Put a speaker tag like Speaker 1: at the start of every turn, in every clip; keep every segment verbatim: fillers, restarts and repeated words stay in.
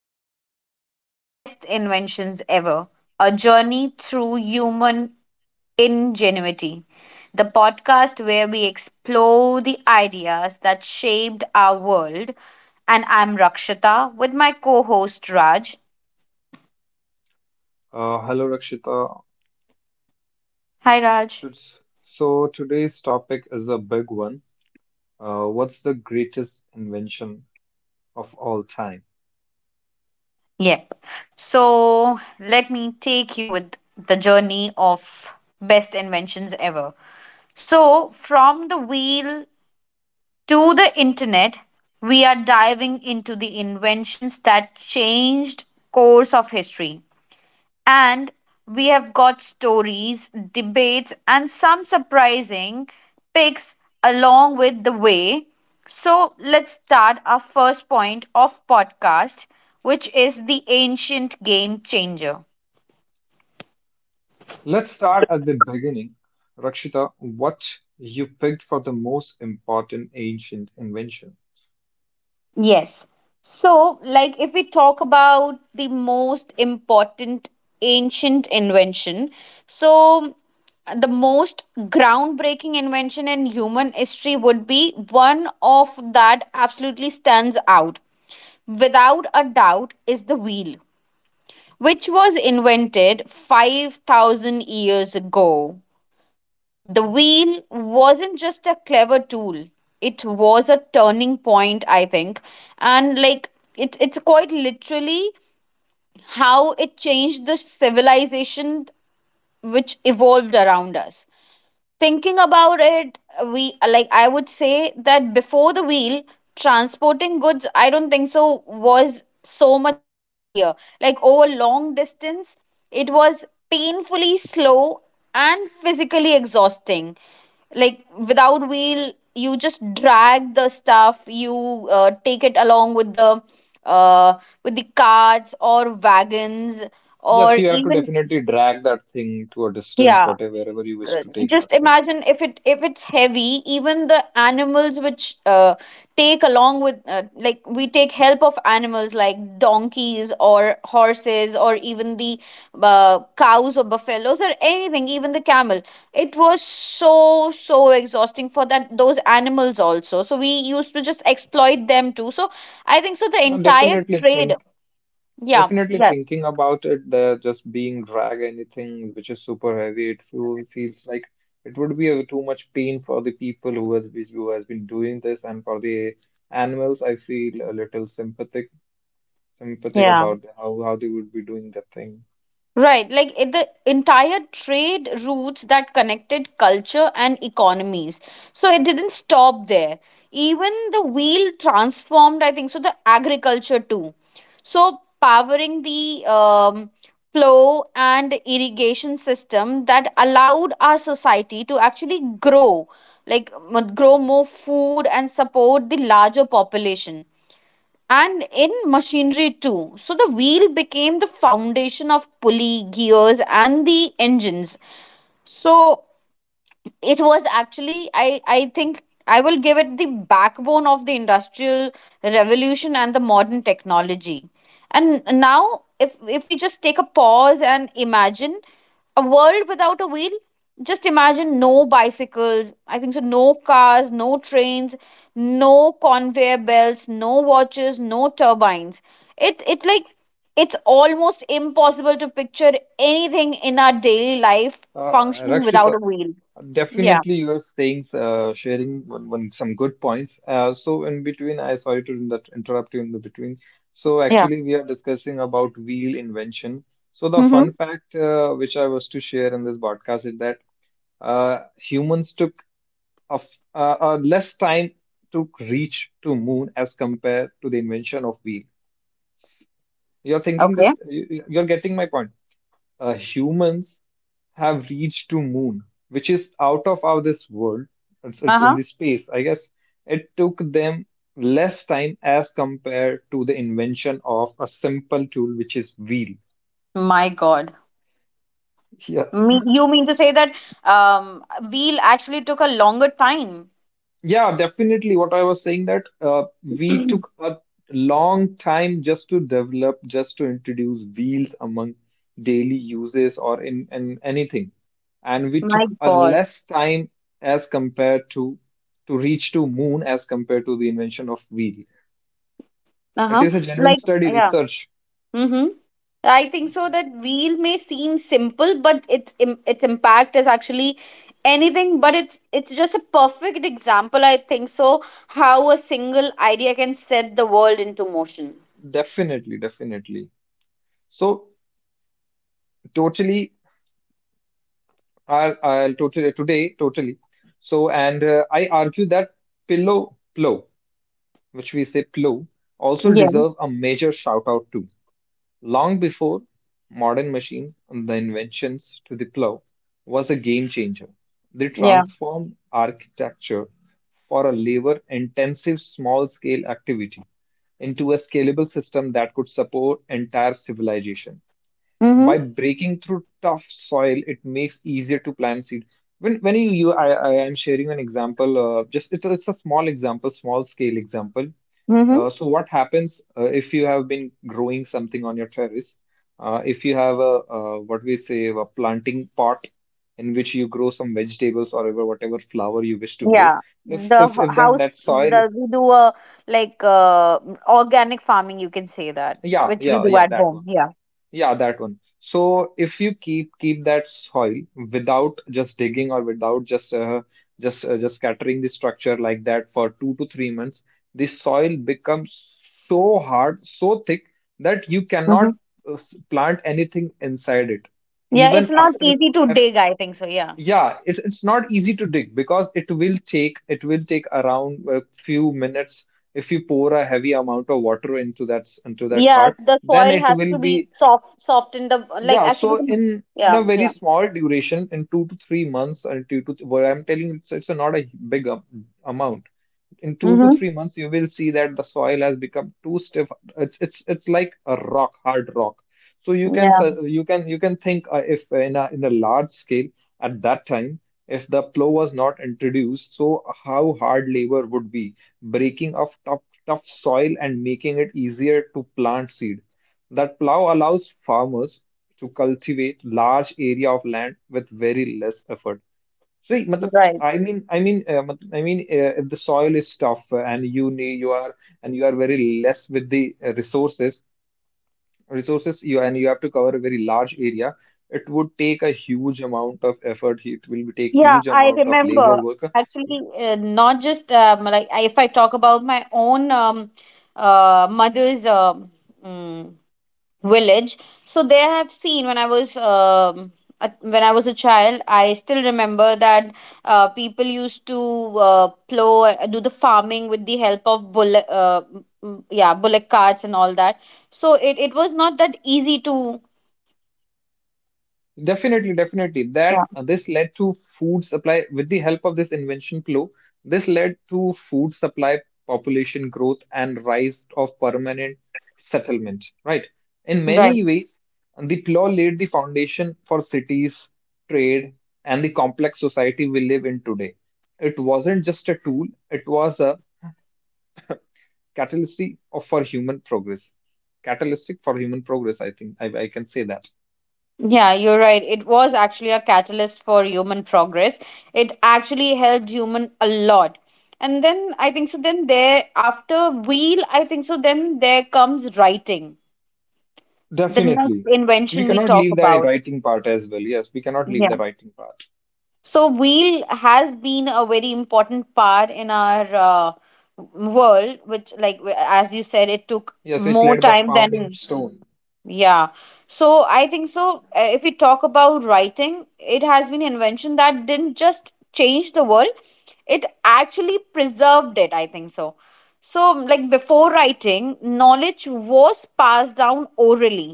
Speaker 1: podcast of Best Inventions Ever, A Journey Through Human Ingenuity. The podcast where we explore the ideas that shaped our world. And I'm Rakshita with my co host Raj.
Speaker 2: Uh, hello, Rakshita.
Speaker 1: Hi, Raj.
Speaker 2: Tus- So today's topic is a big one. Uh, what's the greatest invention of all time?
Speaker 1: Yep. So let me take you with the journey of best inventions ever. So, from the wheel to the internet, we are diving into the inventions that changed course of history. And we have got stories, debates and some surprising picks along with the way. So let's start our first point of podcast, which is the ancient game changer.
Speaker 2: Let's start at the beginning. Rakshita, what you picked for the most important ancient invention?
Speaker 1: Yes. So, like, if we talk about the most important ancient invention, so the most groundbreaking invention in human history would be one of that absolutely stands out without a doubt is the wheel, which was invented five thousand years ago. The wheel wasn't just a clever tool, it was a turning point, I think. And like it, it's quite literally how it changed the civilization which evolved around us thinking about it. We like I would say that before the wheel, transporting goods, I don't think so, was so much easier. Like, over long distance, it was painfully slow and physically exhausting. Like, without wheel you just drag the stuff. You uh, Take it along with the uh, with the carts or wagons
Speaker 2: Yes,
Speaker 1: or
Speaker 2: you have to
Speaker 1: even,
Speaker 2: definitely drag that thing to a distance,
Speaker 1: yeah,
Speaker 2: whatever, wherever you wish
Speaker 1: uh,
Speaker 2: to take
Speaker 1: just
Speaker 2: that thing.
Speaker 1: imagine if it if it's heavy. Even the animals which, uh, take along with, uh, like, we take help of animals like donkeys or horses or even the uh, cows or buffaloes or anything, even the camel, it was so so exhausting for that those animals also. So we used to just exploit them too. So I think so the
Speaker 2: Now,
Speaker 1: entire
Speaker 2: definitely
Speaker 1: trade.
Speaker 2: think
Speaker 1: Yeah,
Speaker 2: Definitely
Speaker 1: yeah,
Speaker 2: thinking about it, there just being drag anything which is super heavy, it feel, feels like it would be a, too much pain for the people who has been, who has been doing this, and for the animals, I feel a little sympathetic sympathetic
Speaker 1: yeah.
Speaker 2: about how how they would be doing that thing.
Speaker 1: Right, like it, the entire trade routes that connected culture and economies. So it didn't stop there. Even the wheel transformed, I think, so the agriculture too. So powering the um, plow and irrigation system that allowed our society to actually grow, like, m- grow more food and support the larger population, and in machinery too. So the wheel became the foundation of pulley, gears, and the engines. So it was actually, I I think I will give it the backbone of the industrial revolution and the modern technology. And now if if we just take a pause and imagine a world without a wheel, just imagine no bicycles, I think so, no cars, no trains, no conveyor belts, no watches, no turbines. it it like it's almost impossible to picture anything in our daily life
Speaker 2: Uh,
Speaker 1: functioning without
Speaker 2: Rakshita,
Speaker 1: a wheel. Yeah.
Speaker 2: definitely, you are saying, uh, sharing one, one, some good points. Uh, so in between, I sorry to in that interrupt you in the between. So
Speaker 1: Yeah.
Speaker 2: actually, we are discussing about wheel invention. So the
Speaker 1: Mm-hmm.
Speaker 2: fun fact uh, which I was to share in this podcast is that uh, humans took a, f- uh, uh, less time to reach to moon as compared to the invention of wheel. You're thinking
Speaker 1: Okay.
Speaker 2: this, you, you- you're getting my point. Uh, humans have reached to moon, which is out of our this world. It's, it's in
Speaker 1: Uh-huh.
Speaker 2: the space. I guess it took them less time as compared to the invention of a simple tool, which is wheel.
Speaker 1: My God.
Speaker 2: Yeah,
Speaker 1: Me, you mean to say that um, wheel actually took a longer time?
Speaker 2: yeah, definitely. What I was saying that uh, we
Speaker 1: My
Speaker 2: took a long time just to develop, just to introduce wheels among daily uses or in, in anything. And we took a
Speaker 1: God.
Speaker 2: less time as compared to to reach to moon as compared to the invention of wheel. It
Speaker 1: Uh-huh.
Speaker 2: is a genuine
Speaker 1: Like,
Speaker 2: study
Speaker 1: yeah.
Speaker 2: research.
Speaker 1: Mm-hmm. I think so that wheel may seem simple, but its im- its impact is actually anything but. It's it's just a perfect example, I think so, how a single idea can set the world into motion.
Speaker 2: Definitely, definitely. So totally, I, I'll totally today, totally. So and uh, I argue that pillow plow, which we say plow also
Speaker 1: Yeah.
Speaker 2: deserve a major shout out too. Long before modern machines the inventions to the plow was a game changer. They
Speaker 1: Yeah.
Speaker 2: transformed architecture for a labor intensive small scale activity into a scalable system that could support entire civilization
Speaker 1: Mm-hmm.
Speaker 2: by breaking through tough soil it makes easier to plant seed. When when you, you I, I am sharing an example, uh, just it's a, it's a small example small scale example.
Speaker 1: Mm-hmm.
Speaker 2: Uh, so what happens uh, if you have been growing something on your terrace, uh, if you have a uh, what we say a planting pot in which you grow some vegetables or ever whatever flower you wish to grow.
Speaker 1: Yeah,
Speaker 2: if
Speaker 1: the
Speaker 2: if
Speaker 1: h-
Speaker 2: if that
Speaker 1: house,
Speaker 2: that soil,
Speaker 1: the, we do a, like, uh, organic farming, you can say that,
Speaker 2: yeah,
Speaker 1: which we
Speaker 2: yeah
Speaker 1: do
Speaker 2: yeah
Speaker 1: at
Speaker 2: that
Speaker 1: home.
Speaker 2: one.
Speaker 1: Yeah.
Speaker 2: Yeah, that one. So if you keep keep that soil without just digging or without just uh, just uh, just scattering the structure like that for two to three months, the soil becomes so hard, so thick that you cannot
Speaker 1: Hmm.
Speaker 2: uh, s- plant anything inside it.
Speaker 1: Yeah,
Speaker 2: Even
Speaker 1: it's not
Speaker 2: after,
Speaker 1: easy to
Speaker 2: af
Speaker 1: dig, I think so. Yeah.
Speaker 2: Yeah, it's it's not easy to dig because it will take it will take around a few minutes if you pour a heavy amount of water into that s- into that
Speaker 1: Yeah,
Speaker 2: part,
Speaker 1: the
Speaker 2: then
Speaker 1: soil
Speaker 2: it
Speaker 1: has
Speaker 2: will
Speaker 1: to be
Speaker 2: be...
Speaker 1: soft, soft in the like,
Speaker 2: yeah,
Speaker 1: actually.
Speaker 2: so
Speaker 1: the-
Speaker 2: in in
Speaker 1: Yeah,
Speaker 2: a very
Speaker 1: yeah.
Speaker 2: small duration, in two to three months, or two to what I'm telling you, it's, it's not a big um, amount. In two to
Speaker 1: Mm-hmm.
Speaker 2: three months you will see that the soil has become too stiff. It's it's it's like a rock, hard rock. So you can
Speaker 1: Yeah,
Speaker 2: su- you can you can think, uh, if in a in a large scale at that time if the plow was not introduced, so how hard labor would be breaking of tough tough soil and making it easier to plant seed. That plow allows farmers to cultivate large area of land with very less effort. See, matlab,
Speaker 1: right.
Speaker 2: I mean, I mean, uh, matlab, I mean, uh, if the soil is tough uh, and you need, you are, and you are very less with the uh, resources, resources, you and you have to cover a very large area. It would take a huge amount of effort. It will take
Speaker 1: Yeah,
Speaker 2: huge
Speaker 1: I
Speaker 2: amount of labor
Speaker 1: remember
Speaker 2: work.
Speaker 1: actually, uh, not just um, like, I- if I talk about my own um, uh, mother's um, mm, village. So there I have seen when I was um, a- when I was a child, I still remember that uh, people used to uh, plow, uh, do the farming with the help of bullet uh, mm, yeah, bullock carts and all that. So it, it was not that easy to.
Speaker 2: Definitely, definitely.
Speaker 1: Yeah.
Speaker 2: That uh, this led to food supply with the help of this invention flow. This led to food supply, population growth, and rise of permanent settlement. Right. In
Speaker 1: Right.
Speaker 2: many ways, the plow laid the foundation for cities, trade, and the complex society we live in today. It wasn't just a tool; it was a catalyst of- for human progress. Catalytic for human progress, I think I, I can say that.
Speaker 1: Yeah, you're right. It was actually a catalyst for human progress. It actually helped human a lot. And then I think so then there after wheel, I think so then there comes writing. The next
Speaker 2: Definitely. We
Speaker 1: invention we
Speaker 2: cannot
Speaker 1: talk
Speaker 2: leave that
Speaker 1: about.
Speaker 2: writing part as well. Yes, we cannot leave
Speaker 1: Yeah.
Speaker 2: the writing part.
Speaker 1: So wheel has been a very important part in our uh, world, which, like, w- as you said, it took
Speaker 2: Yes, which
Speaker 1: more
Speaker 2: laid the
Speaker 1: time
Speaker 2: founding
Speaker 1: than.
Speaker 2: stone.
Speaker 1: Yeah. So I think so, uh, if we talk about writing, it has been an invention that didn't just change the world, it actually preserved it, I think so. So, like, before writing, knowledge was passed down orally.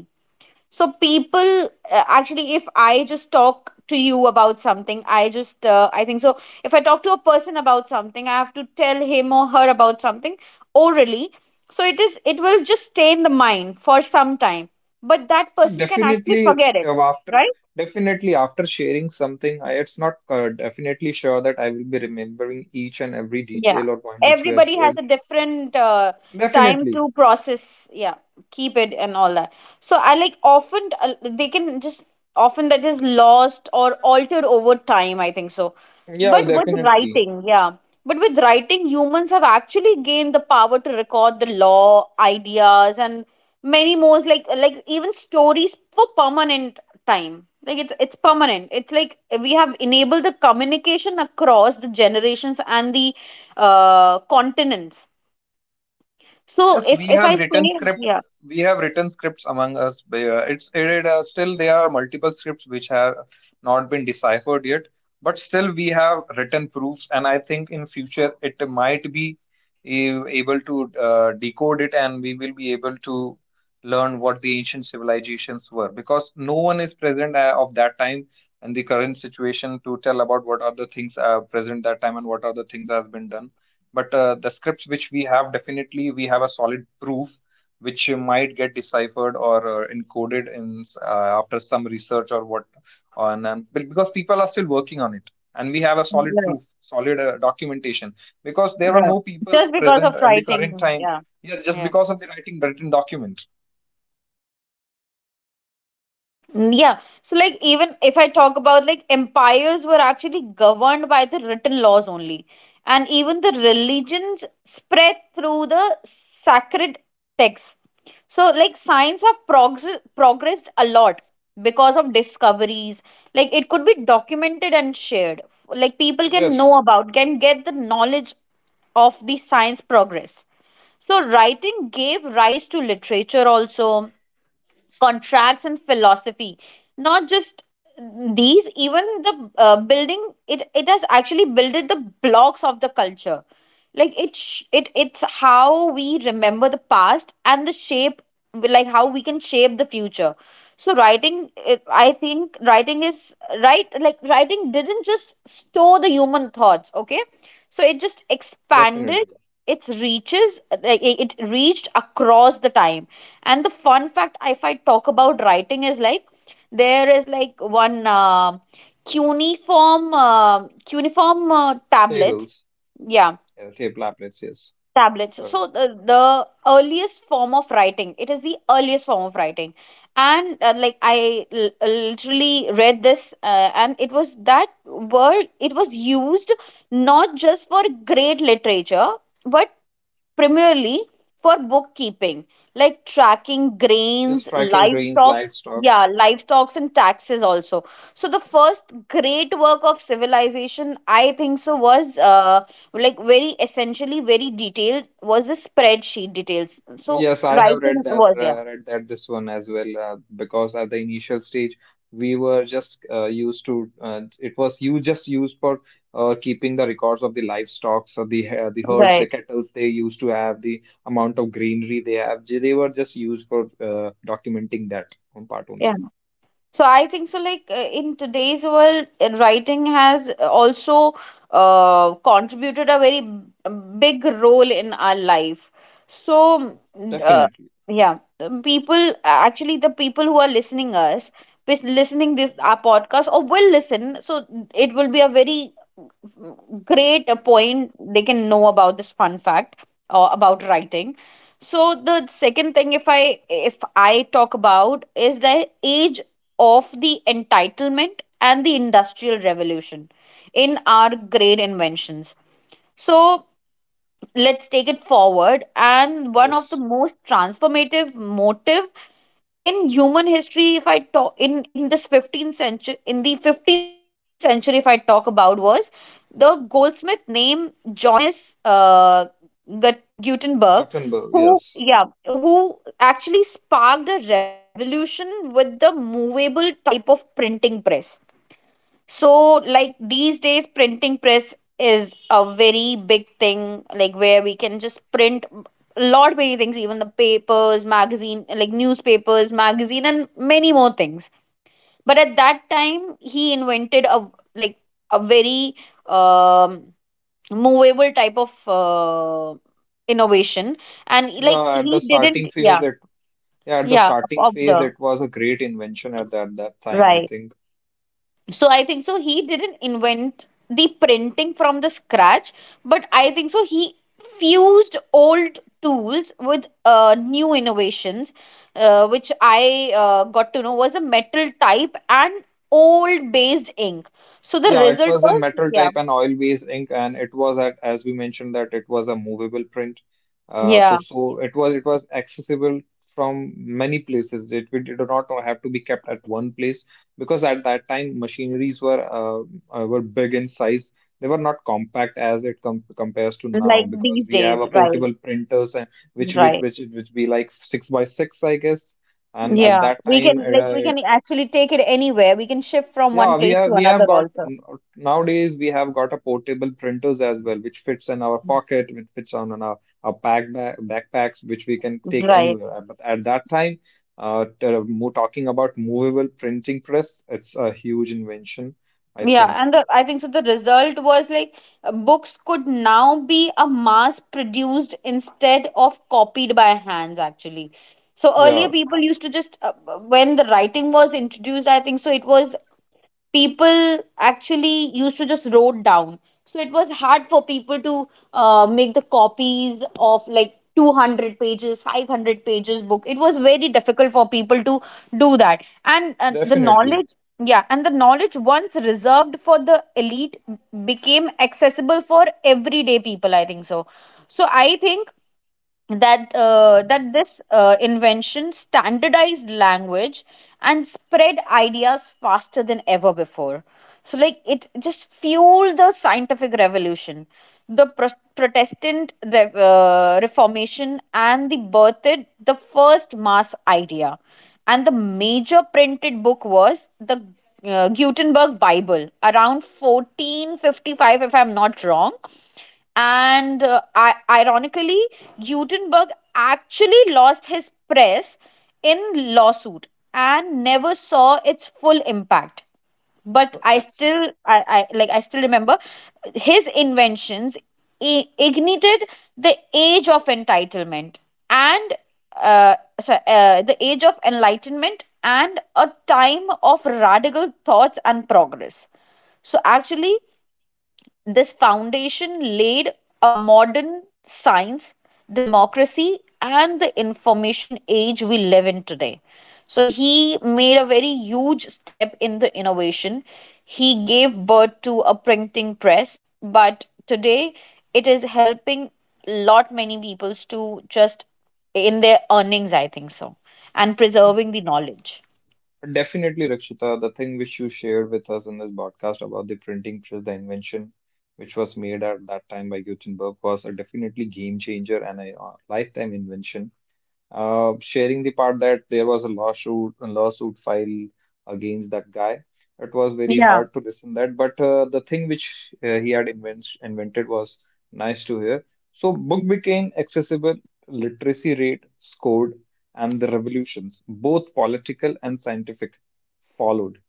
Speaker 1: So people, uh, actually, if I just talk to you about something, i just uh, I think so, if I talk to a person about something, I have to tell him or her about something orally. So it is it will just stay in the mind for some time, but that
Speaker 2: And
Speaker 1: person can actually
Speaker 2: definitely
Speaker 1: forget it.
Speaker 2: uh, after
Speaker 1: Right.
Speaker 2: definitely after sharing something, I it's not uh, definitely sure that I will be remembering each and every
Speaker 1: Yeah.
Speaker 2: detail or point which we have
Speaker 1: Everybody has a
Speaker 2: shared.
Speaker 1: different uh, time
Speaker 2: Definitely.
Speaker 1: to process, yeah, keep it and all that. So I, like, often, uh, they can just often that is lost or altered over time, I think so.
Speaker 2: Yeah,
Speaker 1: But with
Speaker 2: definitely.
Speaker 1: writing, yeah. But with writing, humans have actually gained the power to record the law, ideas, and many more, like like even stories for permanent time. Like, it's it's permanent. It's like we have enabled the communication across the generations and the uh, continents. So
Speaker 2: Yes,
Speaker 1: if
Speaker 2: we
Speaker 1: if
Speaker 2: have
Speaker 1: I say,
Speaker 2: written script.
Speaker 1: yeah,
Speaker 2: We have written scripts among us. They, uh, It's it, uh, still there are multiple scripts which have not been deciphered yet, but still we have written proofs, and I think in future it might be a- able to uh, decode it, and we will be able to learn what the ancient civilizations were because no one is present uh, of that time and the current situation to tell about what are the things uh, present that time and what are the things that has been done. But uh, the scripts which we have definitely we have a solid proof which might get deciphered or uh, encoded in uh, after some research or what on, um, because people are still working on it and we have a solid
Speaker 1: right,
Speaker 2: proof, solid uh, documentation, because there were
Speaker 1: right,
Speaker 2: no people
Speaker 1: just because
Speaker 2: present
Speaker 1: of
Speaker 2: in the current
Speaker 1: writing,
Speaker 2: time.
Speaker 1: yeah,
Speaker 2: Yeah, just
Speaker 1: yeah.
Speaker 2: because of the writing, written document.
Speaker 1: Mm. Yeah. So, like, even if I talk about, like, empires were actually governed by the written laws only. And even the religions spread through the sacred texts. So, like, science have prog- progressed a lot because of discoveries. Like, it could be documented and shared. Like, people can know
Speaker 2: Yes,
Speaker 1: about, can get the knowledge of the science progress. So, writing gave rise to literature also, contracts and philosophy, not just these. Even the uh, building, it it has actually builded the blocks of the culture. Like it sh- it It's how we remember the past and the shape, like, how we can shape the future. So writing, it, I think writing is right. Like, writing didn't just store the human thoughts. Okay, so it just expanded
Speaker 2: definitely.
Speaker 1: its reaches. Like, it it reached across the time. And the fun fact, if I talk about writing, is like there is like one uh, cuneiform uh, cuneiform uh, tablets.
Speaker 2: Tables,
Speaker 1: Yeah,
Speaker 2: uh, table applets, yes.
Speaker 1: tablets.
Speaker 2: Sorry.
Speaker 1: So the, the earliest form of writing. It is the earliest form of writing, and, uh, like, I l- literally read this, uh, and it was that word. It was used not just for great literature, but primarily for bookkeeping, like tracking
Speaker 2: Yes,
Speaker 1: grains,
Speaker 2: tracking grains,
Speaker 1: livestock,
Speaker 2: livestock.
Speaker 1: yeah, livestock and taxes also. So the first great work of civilization, I think so, was, uh, like, very essentially, very detailed, was the spreadsheet details. So
Speaker 2: Yes, I have
Speaker 1: writing
Speaker 2: read that
Speaker 1: was, yeah,
Speaker 2: uh, read that this one as well, uh, because at the initial stage we were just uh, used to uh, it was you just used for uh, keeping the records of the livestock, so the uh, the herd, the
Speaker 1: right.
Speaker 2: kettles they used to have, the amount of greenery they have, they they were just used for uh, documenting that one part
Speaker 1: Yeah.
Speaker 2: only.
Speaker 1: So I think so. Like, uh, in today's world, uh, writing has uh, also uh, contributed a very b- uh, big role in our life. So, mm, uh,
Speaker 2: Definitely,
Speaker 1: yeah, the people, uh, actually the people who are listening us, pis- listening this our podcast or will listen. So it will be a very great uh, point they can know about this fun fact uh, about writing. So the second thing, if i if i talk about, is the age of the entitlement and the industrial revolution in our great inventions. So let's take it forward. And one of the
Speaker 2: yes,
Speaker 1: most transformative motive in human history, if I talk in, in this fifteenth century in the fifteenth century if I talk about, was the goldsmith named Johannes uh, Gut- Gutenberg,
Speaker 2: Gutenberg,
Speaker 1: who,
Speaker 2: yes.
Speaker 1: yeah, who actually sparked a revolution with the movable type of printing press. So, like, these days, printing press is a very big thing, like where we can just print a lot many things, even the papers, magazine, like newspapers, magazine, and many more things. But at that time, he invented a, like, a very um, movable type of uh, innovation, and, like,
Speaker 2: Yeah, at the
Speaker 1: he didn't,
Speaker 2: starting phase,
Speaker 1: yeah,
Speaker 2: it yeah, at the
Speaker 1: yeah, of,
Speaker 2: starting
Speaker 1: of
Speaker 2: phase,
Speaker 1: the
Speaker 2: it was a great invention at that, that time, I
Speaker 1: right.
Speaker 2: think.
Speaker 1: So I think so, he didn't invent the printing from the scratch, but I think so he fused old tools with uh, new innovations, uh, which I uh, got to know was a metal type and old based ink. So the
Speaker 2: Yeah, it
Speaker 1: result
Speaker 2: was a
Speaker 1: was,
Speaker 2: metal
Speaker 1: yeah,
Speaker 2: type and oil-based ink, and it was at, as we mentioned, that it was a movable print. Uh, so,
Speaker 1: yeah,
Speaker 2: so it was it was accessible from many places. It, it did not have to be kept at one place because at that time machineries were uh, uh, were big in size. They were not compact as it com compares to now
Speaker 1: like
Speaker 2: because
Speaker 1: these
Speaker 2: we have
Speaker 1: days,
Speaker 2: a
Speaker 1: right,
Speaker 2: portable printers and which which
Speaker 1: right,
Speaker 2: which which be like six by six, I guess. And at
Speaker 1: yeah.
Speaker 2: that
Speaker 1: We
Speaker 2: time,
Speaker 1: can,
Speaker 2: it,
Speaker 1: like, we
Speaker 2: uh,
Speaker 1: can actually take it anywhere, we can shift from one
Speaker 2: yeah, we
Speaker 1: place
Speaker 2: have
Speaker 1: to
Speaker 2: we have
Speaker 1: another
Speaker 2: got
Speaker 1: also.
Speaker 2: nowadays, we have got a portable printers as well, which fits in our pocket, which fits on in our, our pack ba- backpacks, which we can take
Speaker 1: Right.
Speaker 2: anywhere. But at that time, uh, t- mo- talking about movable printing press, it's a huge invention, I
Speaker 1: Yeah,
Speaker 2: think.
Speaker 1: and the, I think so, the result was like, uh, books could now be a mass produced instead of copied by hands, actually. So earlier,
Speaker 2: Yeah,
Speaker 1: people used to just, uh, uh, when the writing was introduced, I think so, it was people actually used to just wrote down so it was hard for people to uh, make the copies of like two hundred pages five hundred pages book. It was very difficult for people to do that. And uh, the
Speaker 2: definitely.
Speaker 1: knowledge, yeah, and the knowledge once reserved for the elite became accessible for everyday people, I think so. So I think that uh, that this uh, invention standardized language and spread ideas faster than ever before. So like it just fueled the scientific revolution, the pro- protestant Rev- uh, reformation, and the birthed the first mass idea. And the major printed book was the uh, Gutenberg Bible around fourteen fifty-five, if I'm not wrong. And uh, I- ironically, Gutenberg actually lost his press in lawsuit and never saw its full impact. But I
Speaker 2: It's...
Speaker 1: still, I, I like, I still remember his inventions i- ignited the age of entitlement and uh, so, uh, the age of enlightenment and a time of radical thoughts and progress. So actually, this foundation laid a modern science, democracy, and the information age we live in today. So he made a very huge step in the innovation. He gave birth to a printing press, but today it is helping lot many peoples to just in their earnings, I think so, and preserving the knowledge.
Speaker 2: Definitely, Rakshita, the thing which you shared with us in this podcast about the printing press, the invention which was made at that time by Gutenberg was a definitely game changer and a uh, lifetime invention, uh, sharing the part that there was a lawsuit a lawsuit filed against that guy. It was very
Speaker 1: Yeah.
Speaker 2: hard to listen that, but uh, the thing which uh, he had invent invented was nice to hear. So book became accessible, literacy rate scored, and the revolutions, both political and scientific, followed.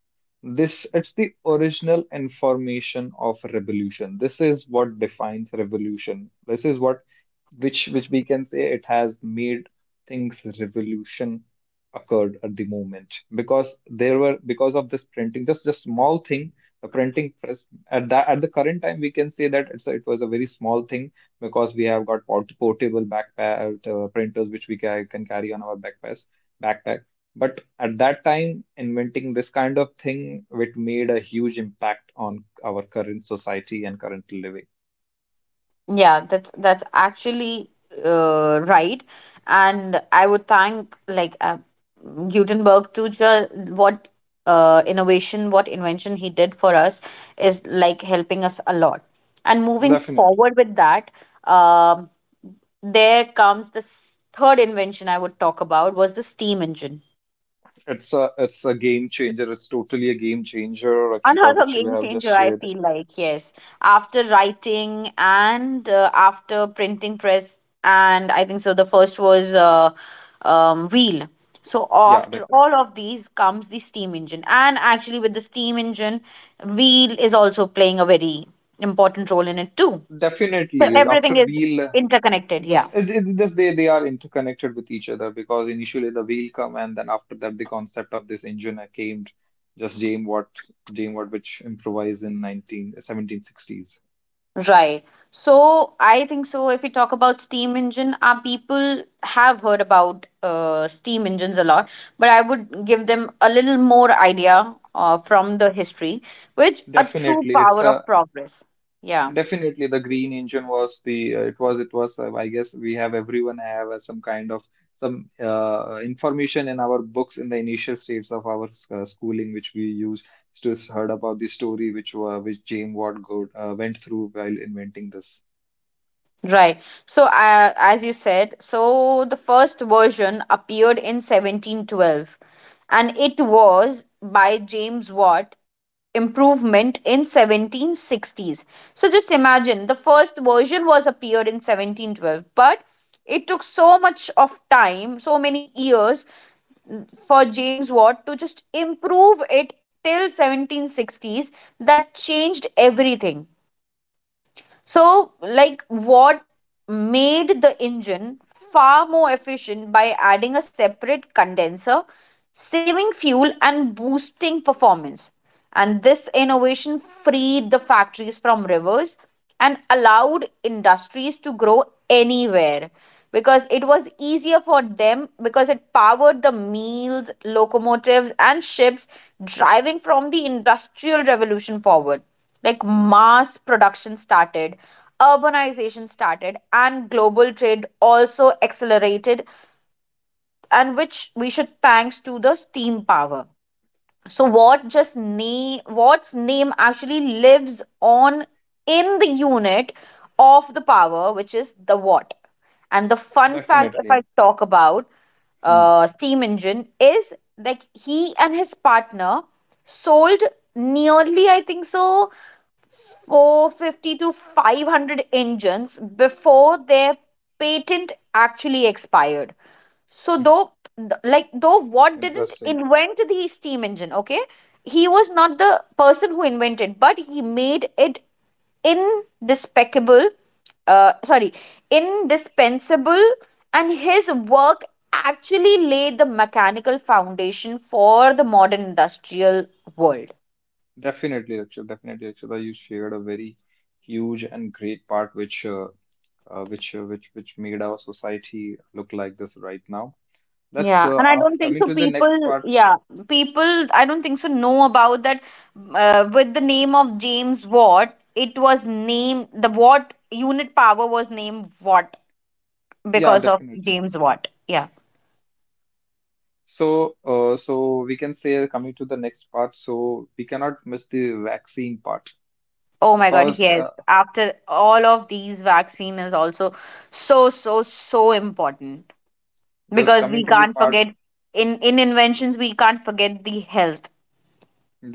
Speaker 2: This it's the original information of revolution. This is what defines revolution. This is what which which we can say it has made things revolution, occurred at the moment because there were because of this printing, just a small thing, the printing press. At that at the current time we can say that it's a, it was a very small thing because we have got port- portable backpack uh, printers which we ca- can carry on our backpacks backpack. But at that time inventing this kind of thing it made a huge impact on our current society and current living.
Speaker 1: Yeah, that's that's actually uh, right, and I would thank like uh, Gutenberg to ju- what uh, innovation, what invention he did for us is like helping us a lot. And moving
Speaker 2: Definitely.
Speaker 1: forward with that, um, there comes this third invention I would talk about was the steam engine.
Speaker 2: It's a it's a game changer. It's totally a game changer, Rakshita,
Speaker 1: Another
Speaker 2: which you
Speaker 1: game
Speaker 2: have just
Speaker 1: changer, I
Speaker 2: shared.
Speaker 1: feel like, yes. After writing and uh, after printing press, and I think so, the first was uh, um, wheel. So,
Speaker 2: Yeah,
Speaker 1: after all
Speaker 2: definitely.
Speaker 1: of these comes the steam engine. And actually, with the steam engine, wheel is also playing a very important role in it, too. So,
Speaker 2: Definitely.
Speaker 1: everything
Speaker 2: After
Speaker 1: is
Speaker 2: wheel, uh,
Speaker 1: interconnected,
Speaker 2: just
Speaker 1: yeah.
Speaker 2: it's, it's just they they are interconnected with each other because initially the wheel come and then after that the concept of this engine uh, came. Just James Watt, James Watt, which improvised in nineteen seventeen sixties.
Speaker 1: Right. So I think so. If we talk about steam engine, our people have heard about uh, steam engines a lot, but I would give them a little more idea uh, from the history, which a true
Speaker 2: Definitely, it's
Speaker 1: power of
Speaker 2: a
Speaker 1: progress. Yeah.
Speaker 2: Definitely, the green engine was the uh, it was it was uh, I guess we have everyone have uh, some kind of some uh, information in our books in the initial stages of our s- uh, schooling, which we use to s- heard about the story which uh, which James Watt go, uh, went through while inventing this.
Speaker 1: Right. So, uh, as you said, so the first version appeared in seventeen twelve and it was by James Watt improvement in seventeen sixties. So just imagine the first version was appeared in seventeen twelve, but it took so much of time, so many years for James Watt to just improve it till seventeen sixties that changed everything. So, like, what made the engine far more efficient by adding a separate condenser, saving fuel, and boosting performance. And this innovation freed the factories from rivers and allowed industries to grow anywhere because it was easier for them because it powered the mills, locomotives, and ships driving from the industrial revolution forward. Like mass production started, urbanization started, and global trade also accelerated, and which we should thanks to the steam power. So what just name, what's name actually lives on in the unit of the power, which is the watt. And the fun fact, if I
Speaker 2: Definitely,
Speaker 1: talk about
Speaker 2: hmm.
Speaker 1: uh, steam engine, is like he and his partner sold nearly, I think so, four hundred fifty to five hundred engines before their patent actually expired. So
Speaker 2: Hmm.
Speaker 1: though th- like though Watt didn't
Speaker 2: Interesting.
Speaker 1: invent the steam engine, okay? He was not the person who invented, but he made it indispensable, uh, sorry, indispensable, and his work actually laid the mechanical foundation for the modern industrial world.
Speaker 2: Definitely, actually, definitely, actually, you shared a very huge and great part which uh, uh, which uh, which which made our society look like this right now. That's
Speaker 1: Yeah,
Speaker 2: uh,
Speaker 1: and I don't
Speaker 2: after
Speaker 1: think
Speaker 2: coming
Speaker 1: so.
Speaker 2: to the next
Speaker 1: People,
Speaker 2: part.
Speaker 1: yeah, people, I don't think so. Know about that. Uh, with the name of James Watt, it was named the Watt, unit power was named Watt
Speaker 2: Yeah,
Speaker 1: because of
Speaker 2: definitely.
Speaker 1: James Watt. Yeah.
Speaker 2: So, uh, so we can say coming to the next part. So we cannot miss the vaccine part
Speaker 1: Oh my God.
Speaker 2: because uh,
Speaker 1: Yes. After all of these, vaccine is also so so so important
Speaker 2: just
Speaker 1: because we
Speaker 2: coming to the
Speaker 1: can't
Speaker 2: part,
Speaker 1: forget in in inventions, we can't forget the health.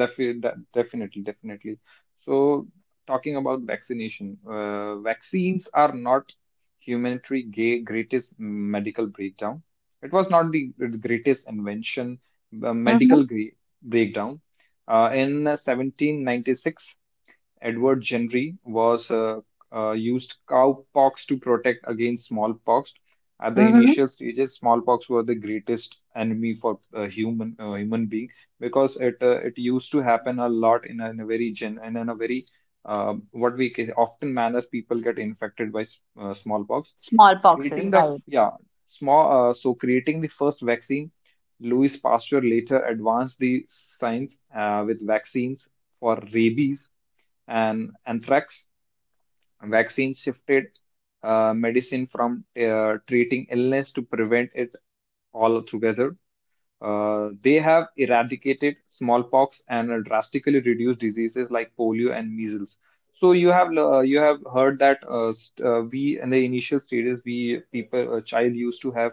Speaker 2: defi de definitely, definitely. So talking about vaccination, uh, vaccines are not humanity' ga- greatest medical breakdown. It was not the greatest invention, uh,
Speaker 1: Mm-hmm.
Speaker 2: medical gre breakdown. Uh, in seventeen ninety-six, Edward Jenry was uh, uh, used cowpox to protect against smallpox. At the
Speaker 1: Mm-hmm.
Speaker 2: initial stages, smallpox were the greatest enemy for uh, human uh, human being because it uh, it used to happen a lot in a, in a very gen and in a very uh, what we ca- often manner people get infected by s- uh, smallpox.
Speaker 1: Smallpox is
Speaker 2: Creating the
Speaker 1: right.
Speaker 2: f- yeah small uh, so creating the first vaccine, Louis Pasteur later advanced the science uh, with vaccines for rabies and anthrax. Vaccines shifted uh, medicine from uh, treating illness to prevent it altogether. Uh, they have eradicated smallpox and uh, drastically reduced diseases like polio and measles. So you have uh, you have heard that uh, st uh, we in the initial stages we people a child used to have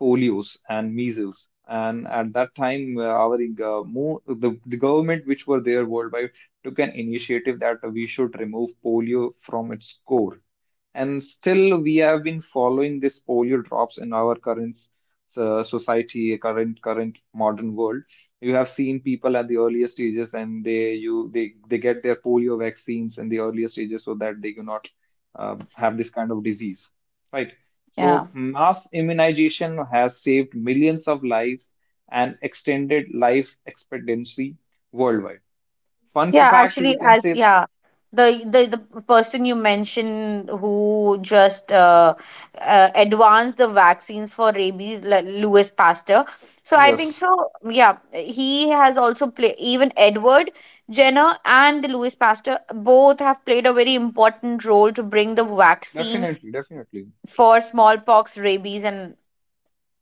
Speaker 2: polios and measles, and at that time uh, our uh, mo the, the government which were there worldwide took an initiative that we should remove polio from its core, and still we have been following this polio drops in our current uh, society, current current modern world. You have seen people at the earlier stages and they you they they get their polio vaccines in the earlier stages so that they do not uh, have this kind of disease, right?
Speaker 1: Yeah.
Speaker 2: So mass immunization has saved millions of lives and extended life expectancy worldwide. Fun
Speaker 1: Yeah,
Speaker 2: fact,
Speaker 1: actually,
Speaker 2: we can
Speaker 1: as
Speaker 2: say,
Speaker 1: yeah, the the the person you mentioned who just uh, uh, advanced the vaccines for rabies, L- Louis Pasteur. So I think
Speaker 2: yes,
Speaker 1: so. Yeah, he has also played even Edward Jenner and the Louis Pasteur both have played a very important role to bring the vaccine
Speaker 2: definitely definitely
Speaker 1: for smallpox, rabies, and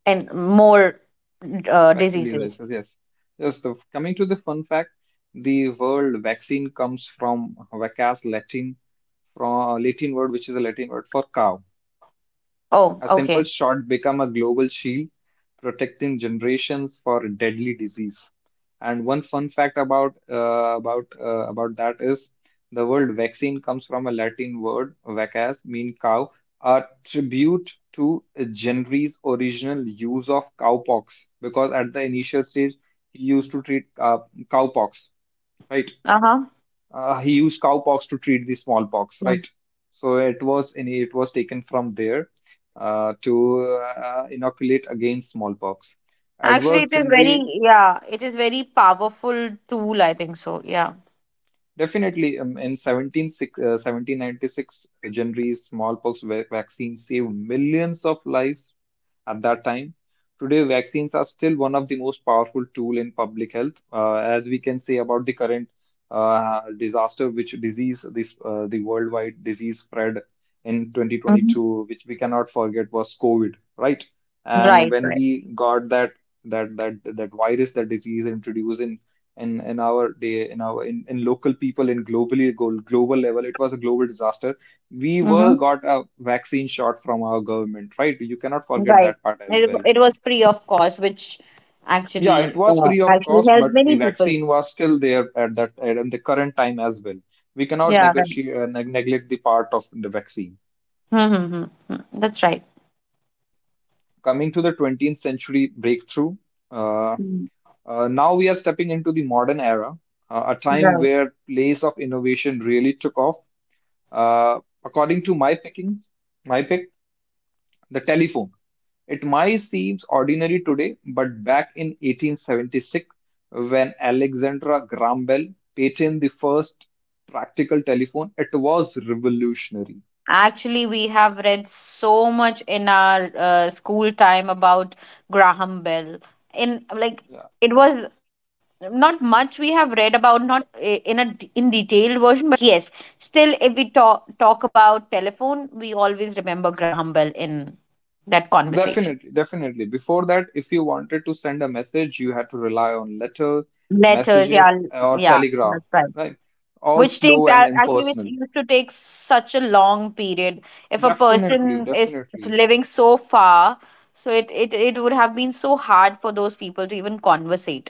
Speaker 1: and more uh,
Speaker 2: Vaccine
Speaker 1: diseases.
Speaker 2: diseases, yes. Just the- coming to the fun fact, the word vaccine comes from vacas Latin, from Latin word, which is a Latin word for cow.
Speaker 1: Oh,
Speaker 2: A simple
Speaker 1: okay.
Speaker 2: shot become a global shield, protecting generations for a deadly disease. And one fun fact about uh, about uh, about that is the word vaccine comes from a Latin word vacas, mean cow, a tribute to Jenry's original use of cowpox, because at the initial stage he used to treat uh, cowpox, right?
Speaker 1: Uh huh.
Speaker 2: Uh, he used cowpox to treat the smallpox, right? So it was any it was taken from there uh, to uh, inoculate against smallpox.
Speaker 1: Actually,
Speaker 2: Edward
Speaker 1: it is very,
Speaker 2: Jenry,
Speaker 1: yeah, it is very powerful tool, I think so. Yeah.
Speaker 2: definitely um, in seventeen, six- uh, seventeen ninety-six, Jenry's smallpox va- vaccine saved millions of lives at that time. Today, vaccines are still one of the most powerful tool in public health, uh, as we can say about the current uh, disaster, which disease this uh, the worldwide disease spread in
Speaker 1: Hmm.
Speaker 2: twenty twenty-two, which we cannot forget was COVID, right? And
Speaker 1: Right,
Speaker 2: when
Speaker 1: right.
Speaker 2: we got that that that that virus, that disease introduced in in in our day, in our in, in local people, in globally glo- global level, it was a global disaster. We were
Speaker 1: Hmm.
Speaker 2: got a vaccine shot from our government, right? You cannot forget
Speaker 1: Right.
Speaker 2: that part as
Speaker 1: It,
Speaker 2: well.
Speaker 1: it was free of cost, which
Speaker 2: Yeah, it
Speaker 1: actually
Speaker 2: was
Speaker 1: uh,
Speaker 2: free of
Speaker 1: actually
Speaker 2: cost,
Speaker 1: helped
Speaker 2: but the
Speaker 1: many people.
Speaker 2: vaccine was still there at that at the current time as well. We cannot
Speaker 1: Yeah, right.
Speaker 2: negotiate uh, neg neglect the part of the vaccine.
Speaker 1: Mm-hmm. That's right.
Speaker 2: Coming to the twentieth century breakthrough, uh,
Speaker 1: Mm.
Speaker 2: uh, now we are stepping into the modern era, uh, a time
Speaker 1: Right.
Speaker 2: where place of innovation really took off. Uh, According to my pickings, my pick, the telephone. It might seem ordinary today, but back in eighteen seventy-six, when Alexander Graham Bell patented the first practical telephone, it was revolutionary.
Speaker 1: Actually, we have read so much in our uh, school time about Graham Bell. In like,
Speaker 2: Yeah,
Speaker 1: it was not much we have read about, not I- in a d- in detailed version, but yes, still, if we talk talk about telephone, we always remember Graham Bell in that conversation.
Speaker 2: definitely, definitely. Before that, if you wanted to send a message, you had to rely on letters,
Speaker 1: Letters, yeah,
Speaker 2: messages, or
Speaker 1: yeah,
Speaker 2: telegraph,
Speaker 1: that's right.
Speaker 2: right? All
Speaker 1: Which takes
Speaker 2: slow and
Speaker 1: a- actually which
Speaker 2: impersonal.
Speaker 1: used to take such a long period if a
Speaker 2: Definitely,
Speaker 1: person is
Speaker 2: definitely.
Speaker 1: living so far, so it it, it would have been so hard for those people to even conversate,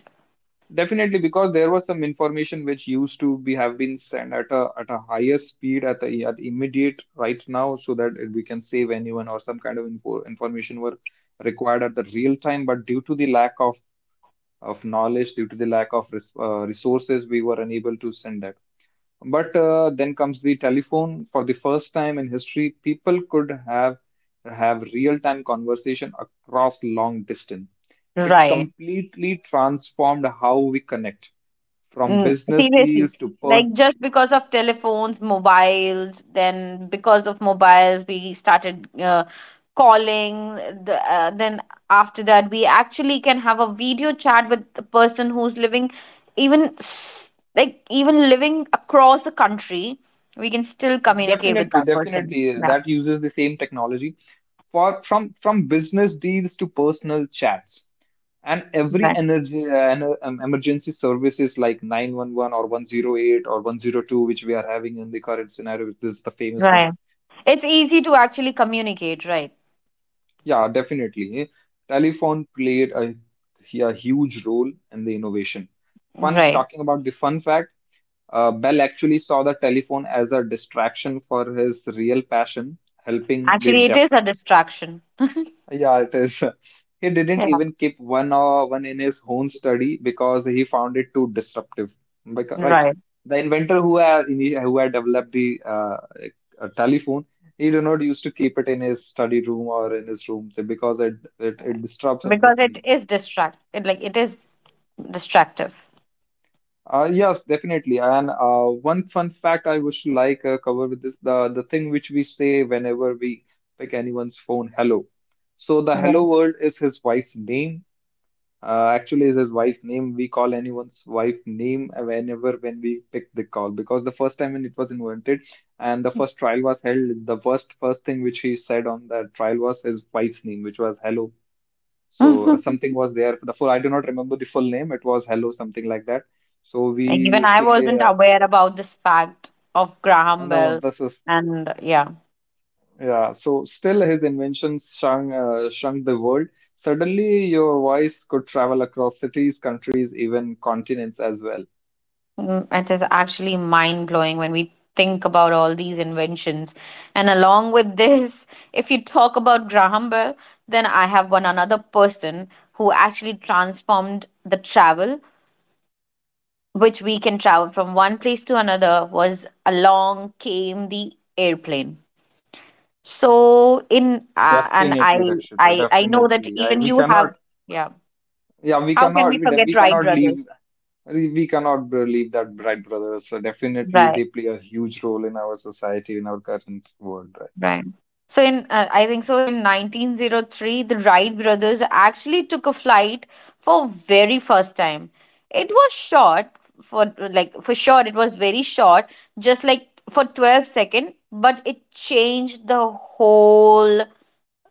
Speaker 2: Definitely, because there was some information which used to be have been sent at a at a higher speed at the at immediate right now, so that we can save anyone or some kind of info information were required at the real time. But due to the lack of of knowledge, due to the lack of res uh, resources, we were unable to send that. But uh, then comes the telephone. For the first time in history, people could have have real time conversation across long distance. It
Speaker 1: right.
Speaker 2: completely transformed how we connect from
Speaker 1: Mm,
Speaker 2: business
Speaker 1: seriously.
Speaker 2: deals to per,
Speaker 1: Like just because of telephones, mobiles, then because of mobiles, we started uh, calling. The, uh, then after that, we actually can have a video chat with the person who's living, even s- like even living across the country, we can still communicate with
Speaker 2: definitely
Speaker 1: that person.
Speaker 2: definitely
Speaker 1: Yeah,
Speaker 2: that uses the same technology for from from business deals to personal chats, and every
Speaker 1: right,
Speaker 2: energy uh, ener- um, emergency services like nine one one or one zero eight or one zero two, which we are having in the current scenario, which is the famous one.
Speaker 1: right. It's easy to actually communicate. Right,
Speaker 2: Yeah, definitely. Eh? Telephone played a, a huge role in the innovation. Fun,
Speaker 1: right.
Speaker 2: talking about the fun fact, Uh, Bell actually saw the telephone as a distraction for his real passion, helping the
Speaker 1: Actually, it
Speaker 2: deaf.
Speaker 1: is a distraction.
Speaker 2: Yeah, it is. He didn't
Speaker 1: Yeah,
Speaker 2: even keep one or one in his own study because he found it too disruptive. Because, right.
Speaker 1: right.
Speaker 2: The inventor who had, ini- who had developed the uh, a telephone, he did not used to keep it in his study room or in his room because it, it, it
Speaker 1: Right.
Speaker 2: disturbs him,
Speaker 1: Because
Speaker 2: um,
Speaker 1: it is distract it like it is distractive.
Speaker 2: Uh, yes, definitely. And uh, one fun fact I wish to like uh, cover with this, the the thing which we say whenever we pick anyone's phone, hello. So the
Speaker 1: Yeah.
Speaker 2: hello world is his wife's name. Uh, actually, is his wife's name. We call anyone's wife name whenever when we pick the call, because the first time when it was invented and the first trial was held, the first first thing which he said on that trial was his wife's name, which was hello. So uh, something
Speaker 1: Mhm.
Speaker 2: was there. The full, I do not remember the full name. It was Hello something like that. So we
Speaker 1: Like, even
Speaker 2: used
Speaker 1: I
Speaker 2: to say,
Speaker 1: wasn't
Speaker 2: uh,
Speaker 1: aware about this fact of
Speaker 2: "Oh,
Speaker 1: Graham
Speaker 2: no,
Speaker 1: Bell.
Speaker 2: this is
Speaker 1: And yeah,
Speaker 2: yeah." So still his inventions shrunk uh, shrunk the world. Suddenly your voice could travel across cities, countries, even continents as well.
Speaker 1: mm, it is actually mind blowing when we think about all these inventions. And along with this, if you talk about Graham Bell, then I have one another person who actually transformed the travel which we can travel from one place to another was along came the airplane. So in uh, and I
Speaker 2: Definitely, Rakshita.
Speaker 1: I I know that
Speaker 2: Definitely. I,
Speaker 1: even
Speaker 2: we
Speaker 1: you have,
Speaker 2: cannot.
Speaker 1: yeah,
Speaker 2: Yeah, we
Speaker 1: how can we
Speaker 2: cannot. We, de-
Speaker 1: forget
Speaker 2: we
Speaker 1: Wright
Speaker 2: cannot leave.
Speaker 1: brothers,
Speaker 2: We we cannot believe that Bright Brothers. So definitely,
Speaker 1: right.
Speaker 2: they play a huge role in our society, in our current world right now.
Speaker 1: Right. So in uh, I think so in nineteen oh three the Wright brothers actually took a flight for very first time. It was short, for like for sure it was very short, just like for twelve second, but it changed the whole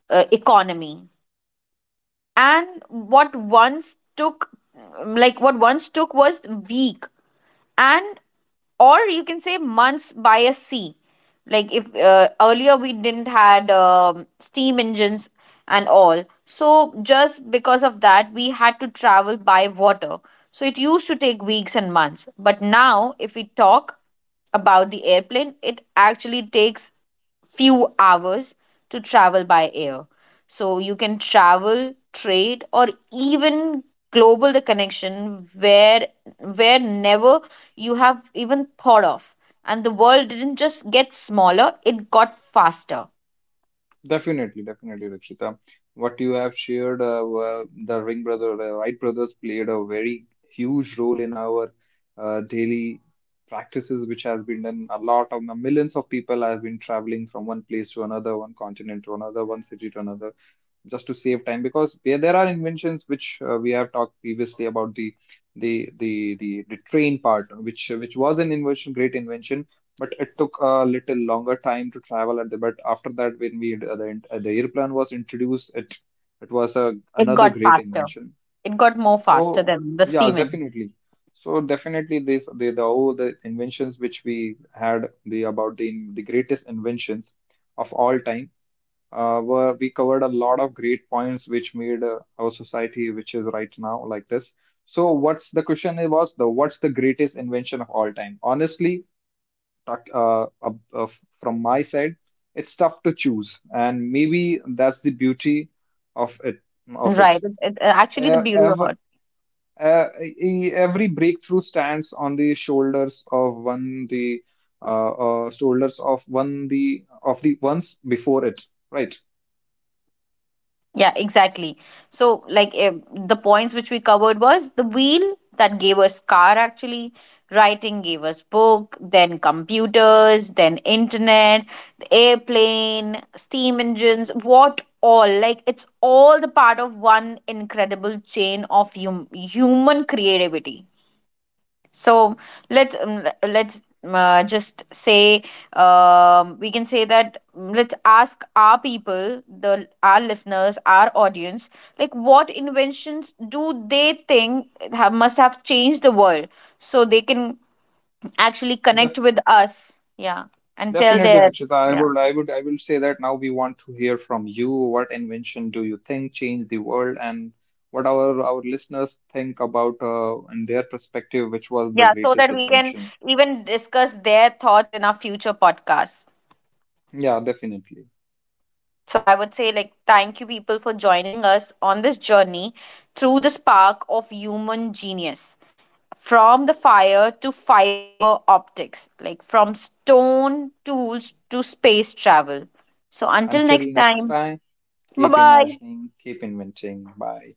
Speaker 1: uh, economy. And what once took, like what once took was week, and or you can say months by a sea, like if uh, earlier we didn't had um, steam engines and all, so just because of that we had to travel by water, so it used to take weeks and months. But now if we talk about the airplane, it actually takes few hours to travel by air. So you can travel, trade, or even global the connection where where never you have even thought of. And the world didn't just get smaller, it got faster.
Speaker 2: Definitely, definitely, Rakshita. What you have shared, uh, well, the Ring brother, the Wright brothers played a very huge role in our uh, daily practices, which has been done. A lot of millions of people have been traveling from one place to another, one continent to another, one city to another, just to save time, because there, there are inventions which uh, we have talked previously about the the the the, the train part, which which was an invention, great invention, but it took a little longer time to travel. And but after that, when we uh, the, uh, the airplane was introduced, it it was a
Speaker 1: It
Speaker 2: another
Speaker 1: got
Speaker 2: great
Speaker 1: faster.
Speaker 2: invention.
Speaker 1: It got more faster
Speaker 2: So
Speaker 1: than the
Speaker 2: yeah,
Speaker 1: steam engine.
Speaker 2: definitely. So definitely these the, the all the inventions which we had, the about the the greatest inventions of all time, uh, where we covered a lot of great points which made uh, our society which is right now like this. So what's the question, it was the what's the greatest invention of all time? Honestly, tak- uh, uh, uh, from my side, it's tough to choose, and maybe that's the beauty of it of
Speaker 1: Right.
Speaker 2: it.
Speaker 1: It's, it's
Speaker 2: E-
Speaker 1: actually the beauty of
Speaker 2: Ever,
Speaker 1: it.
Speaker 2: uh, e- every breakthrough stands on the shoulders of one the uh, uh, shoulders of one the of the ones before it, right?
Speaker 1: Yeah, exactly. So, like eh, the points which we covered was the wheel that gave us car actually, writing gave us book, then computers, then internet, the airplane, steam engines, what all. Like it's all the part of one incredible chain of hum- human creativity. So let's um, let's uh, just say, um, we can say that, mm, let's ask our people the, our listeners, our audience, like what inventions do they think have, must have changed the world so they can actually connect with us, yeah, and tell
Speaker 2: Definitely,
Speaker 1: their,
Speaker 2: Lakshita. I
Speaker 1: yeah,
Speaker 2: would, I would, I will say that now we want to hear from you. What invention do you think changed the world, and what our our listeners think about uh, in their perspective, which was the
Speaker 1: yeah, so
Speaker 2: greatest
Speaker 1: that we can
Speaker 2: invention?
Speaker 1: even discuss their thoughts in our future podcasts.
Speaker 2: Yeah, definitely.
Speaker 1: So I would say, like, thank you people for joining us on this journey through the spark of human genius. From the fire to fiber optics, like from stone tools to space travel. So until
Speaker 2: Until
Speaker 1: next
Speaker 2: next
Speaker 1: time,
Speaker 2: time,
Speaker 1: bye
Speaker 2: keep
Speaker 1: bye.
Speaker 2: imagining, keep inventing. Bye.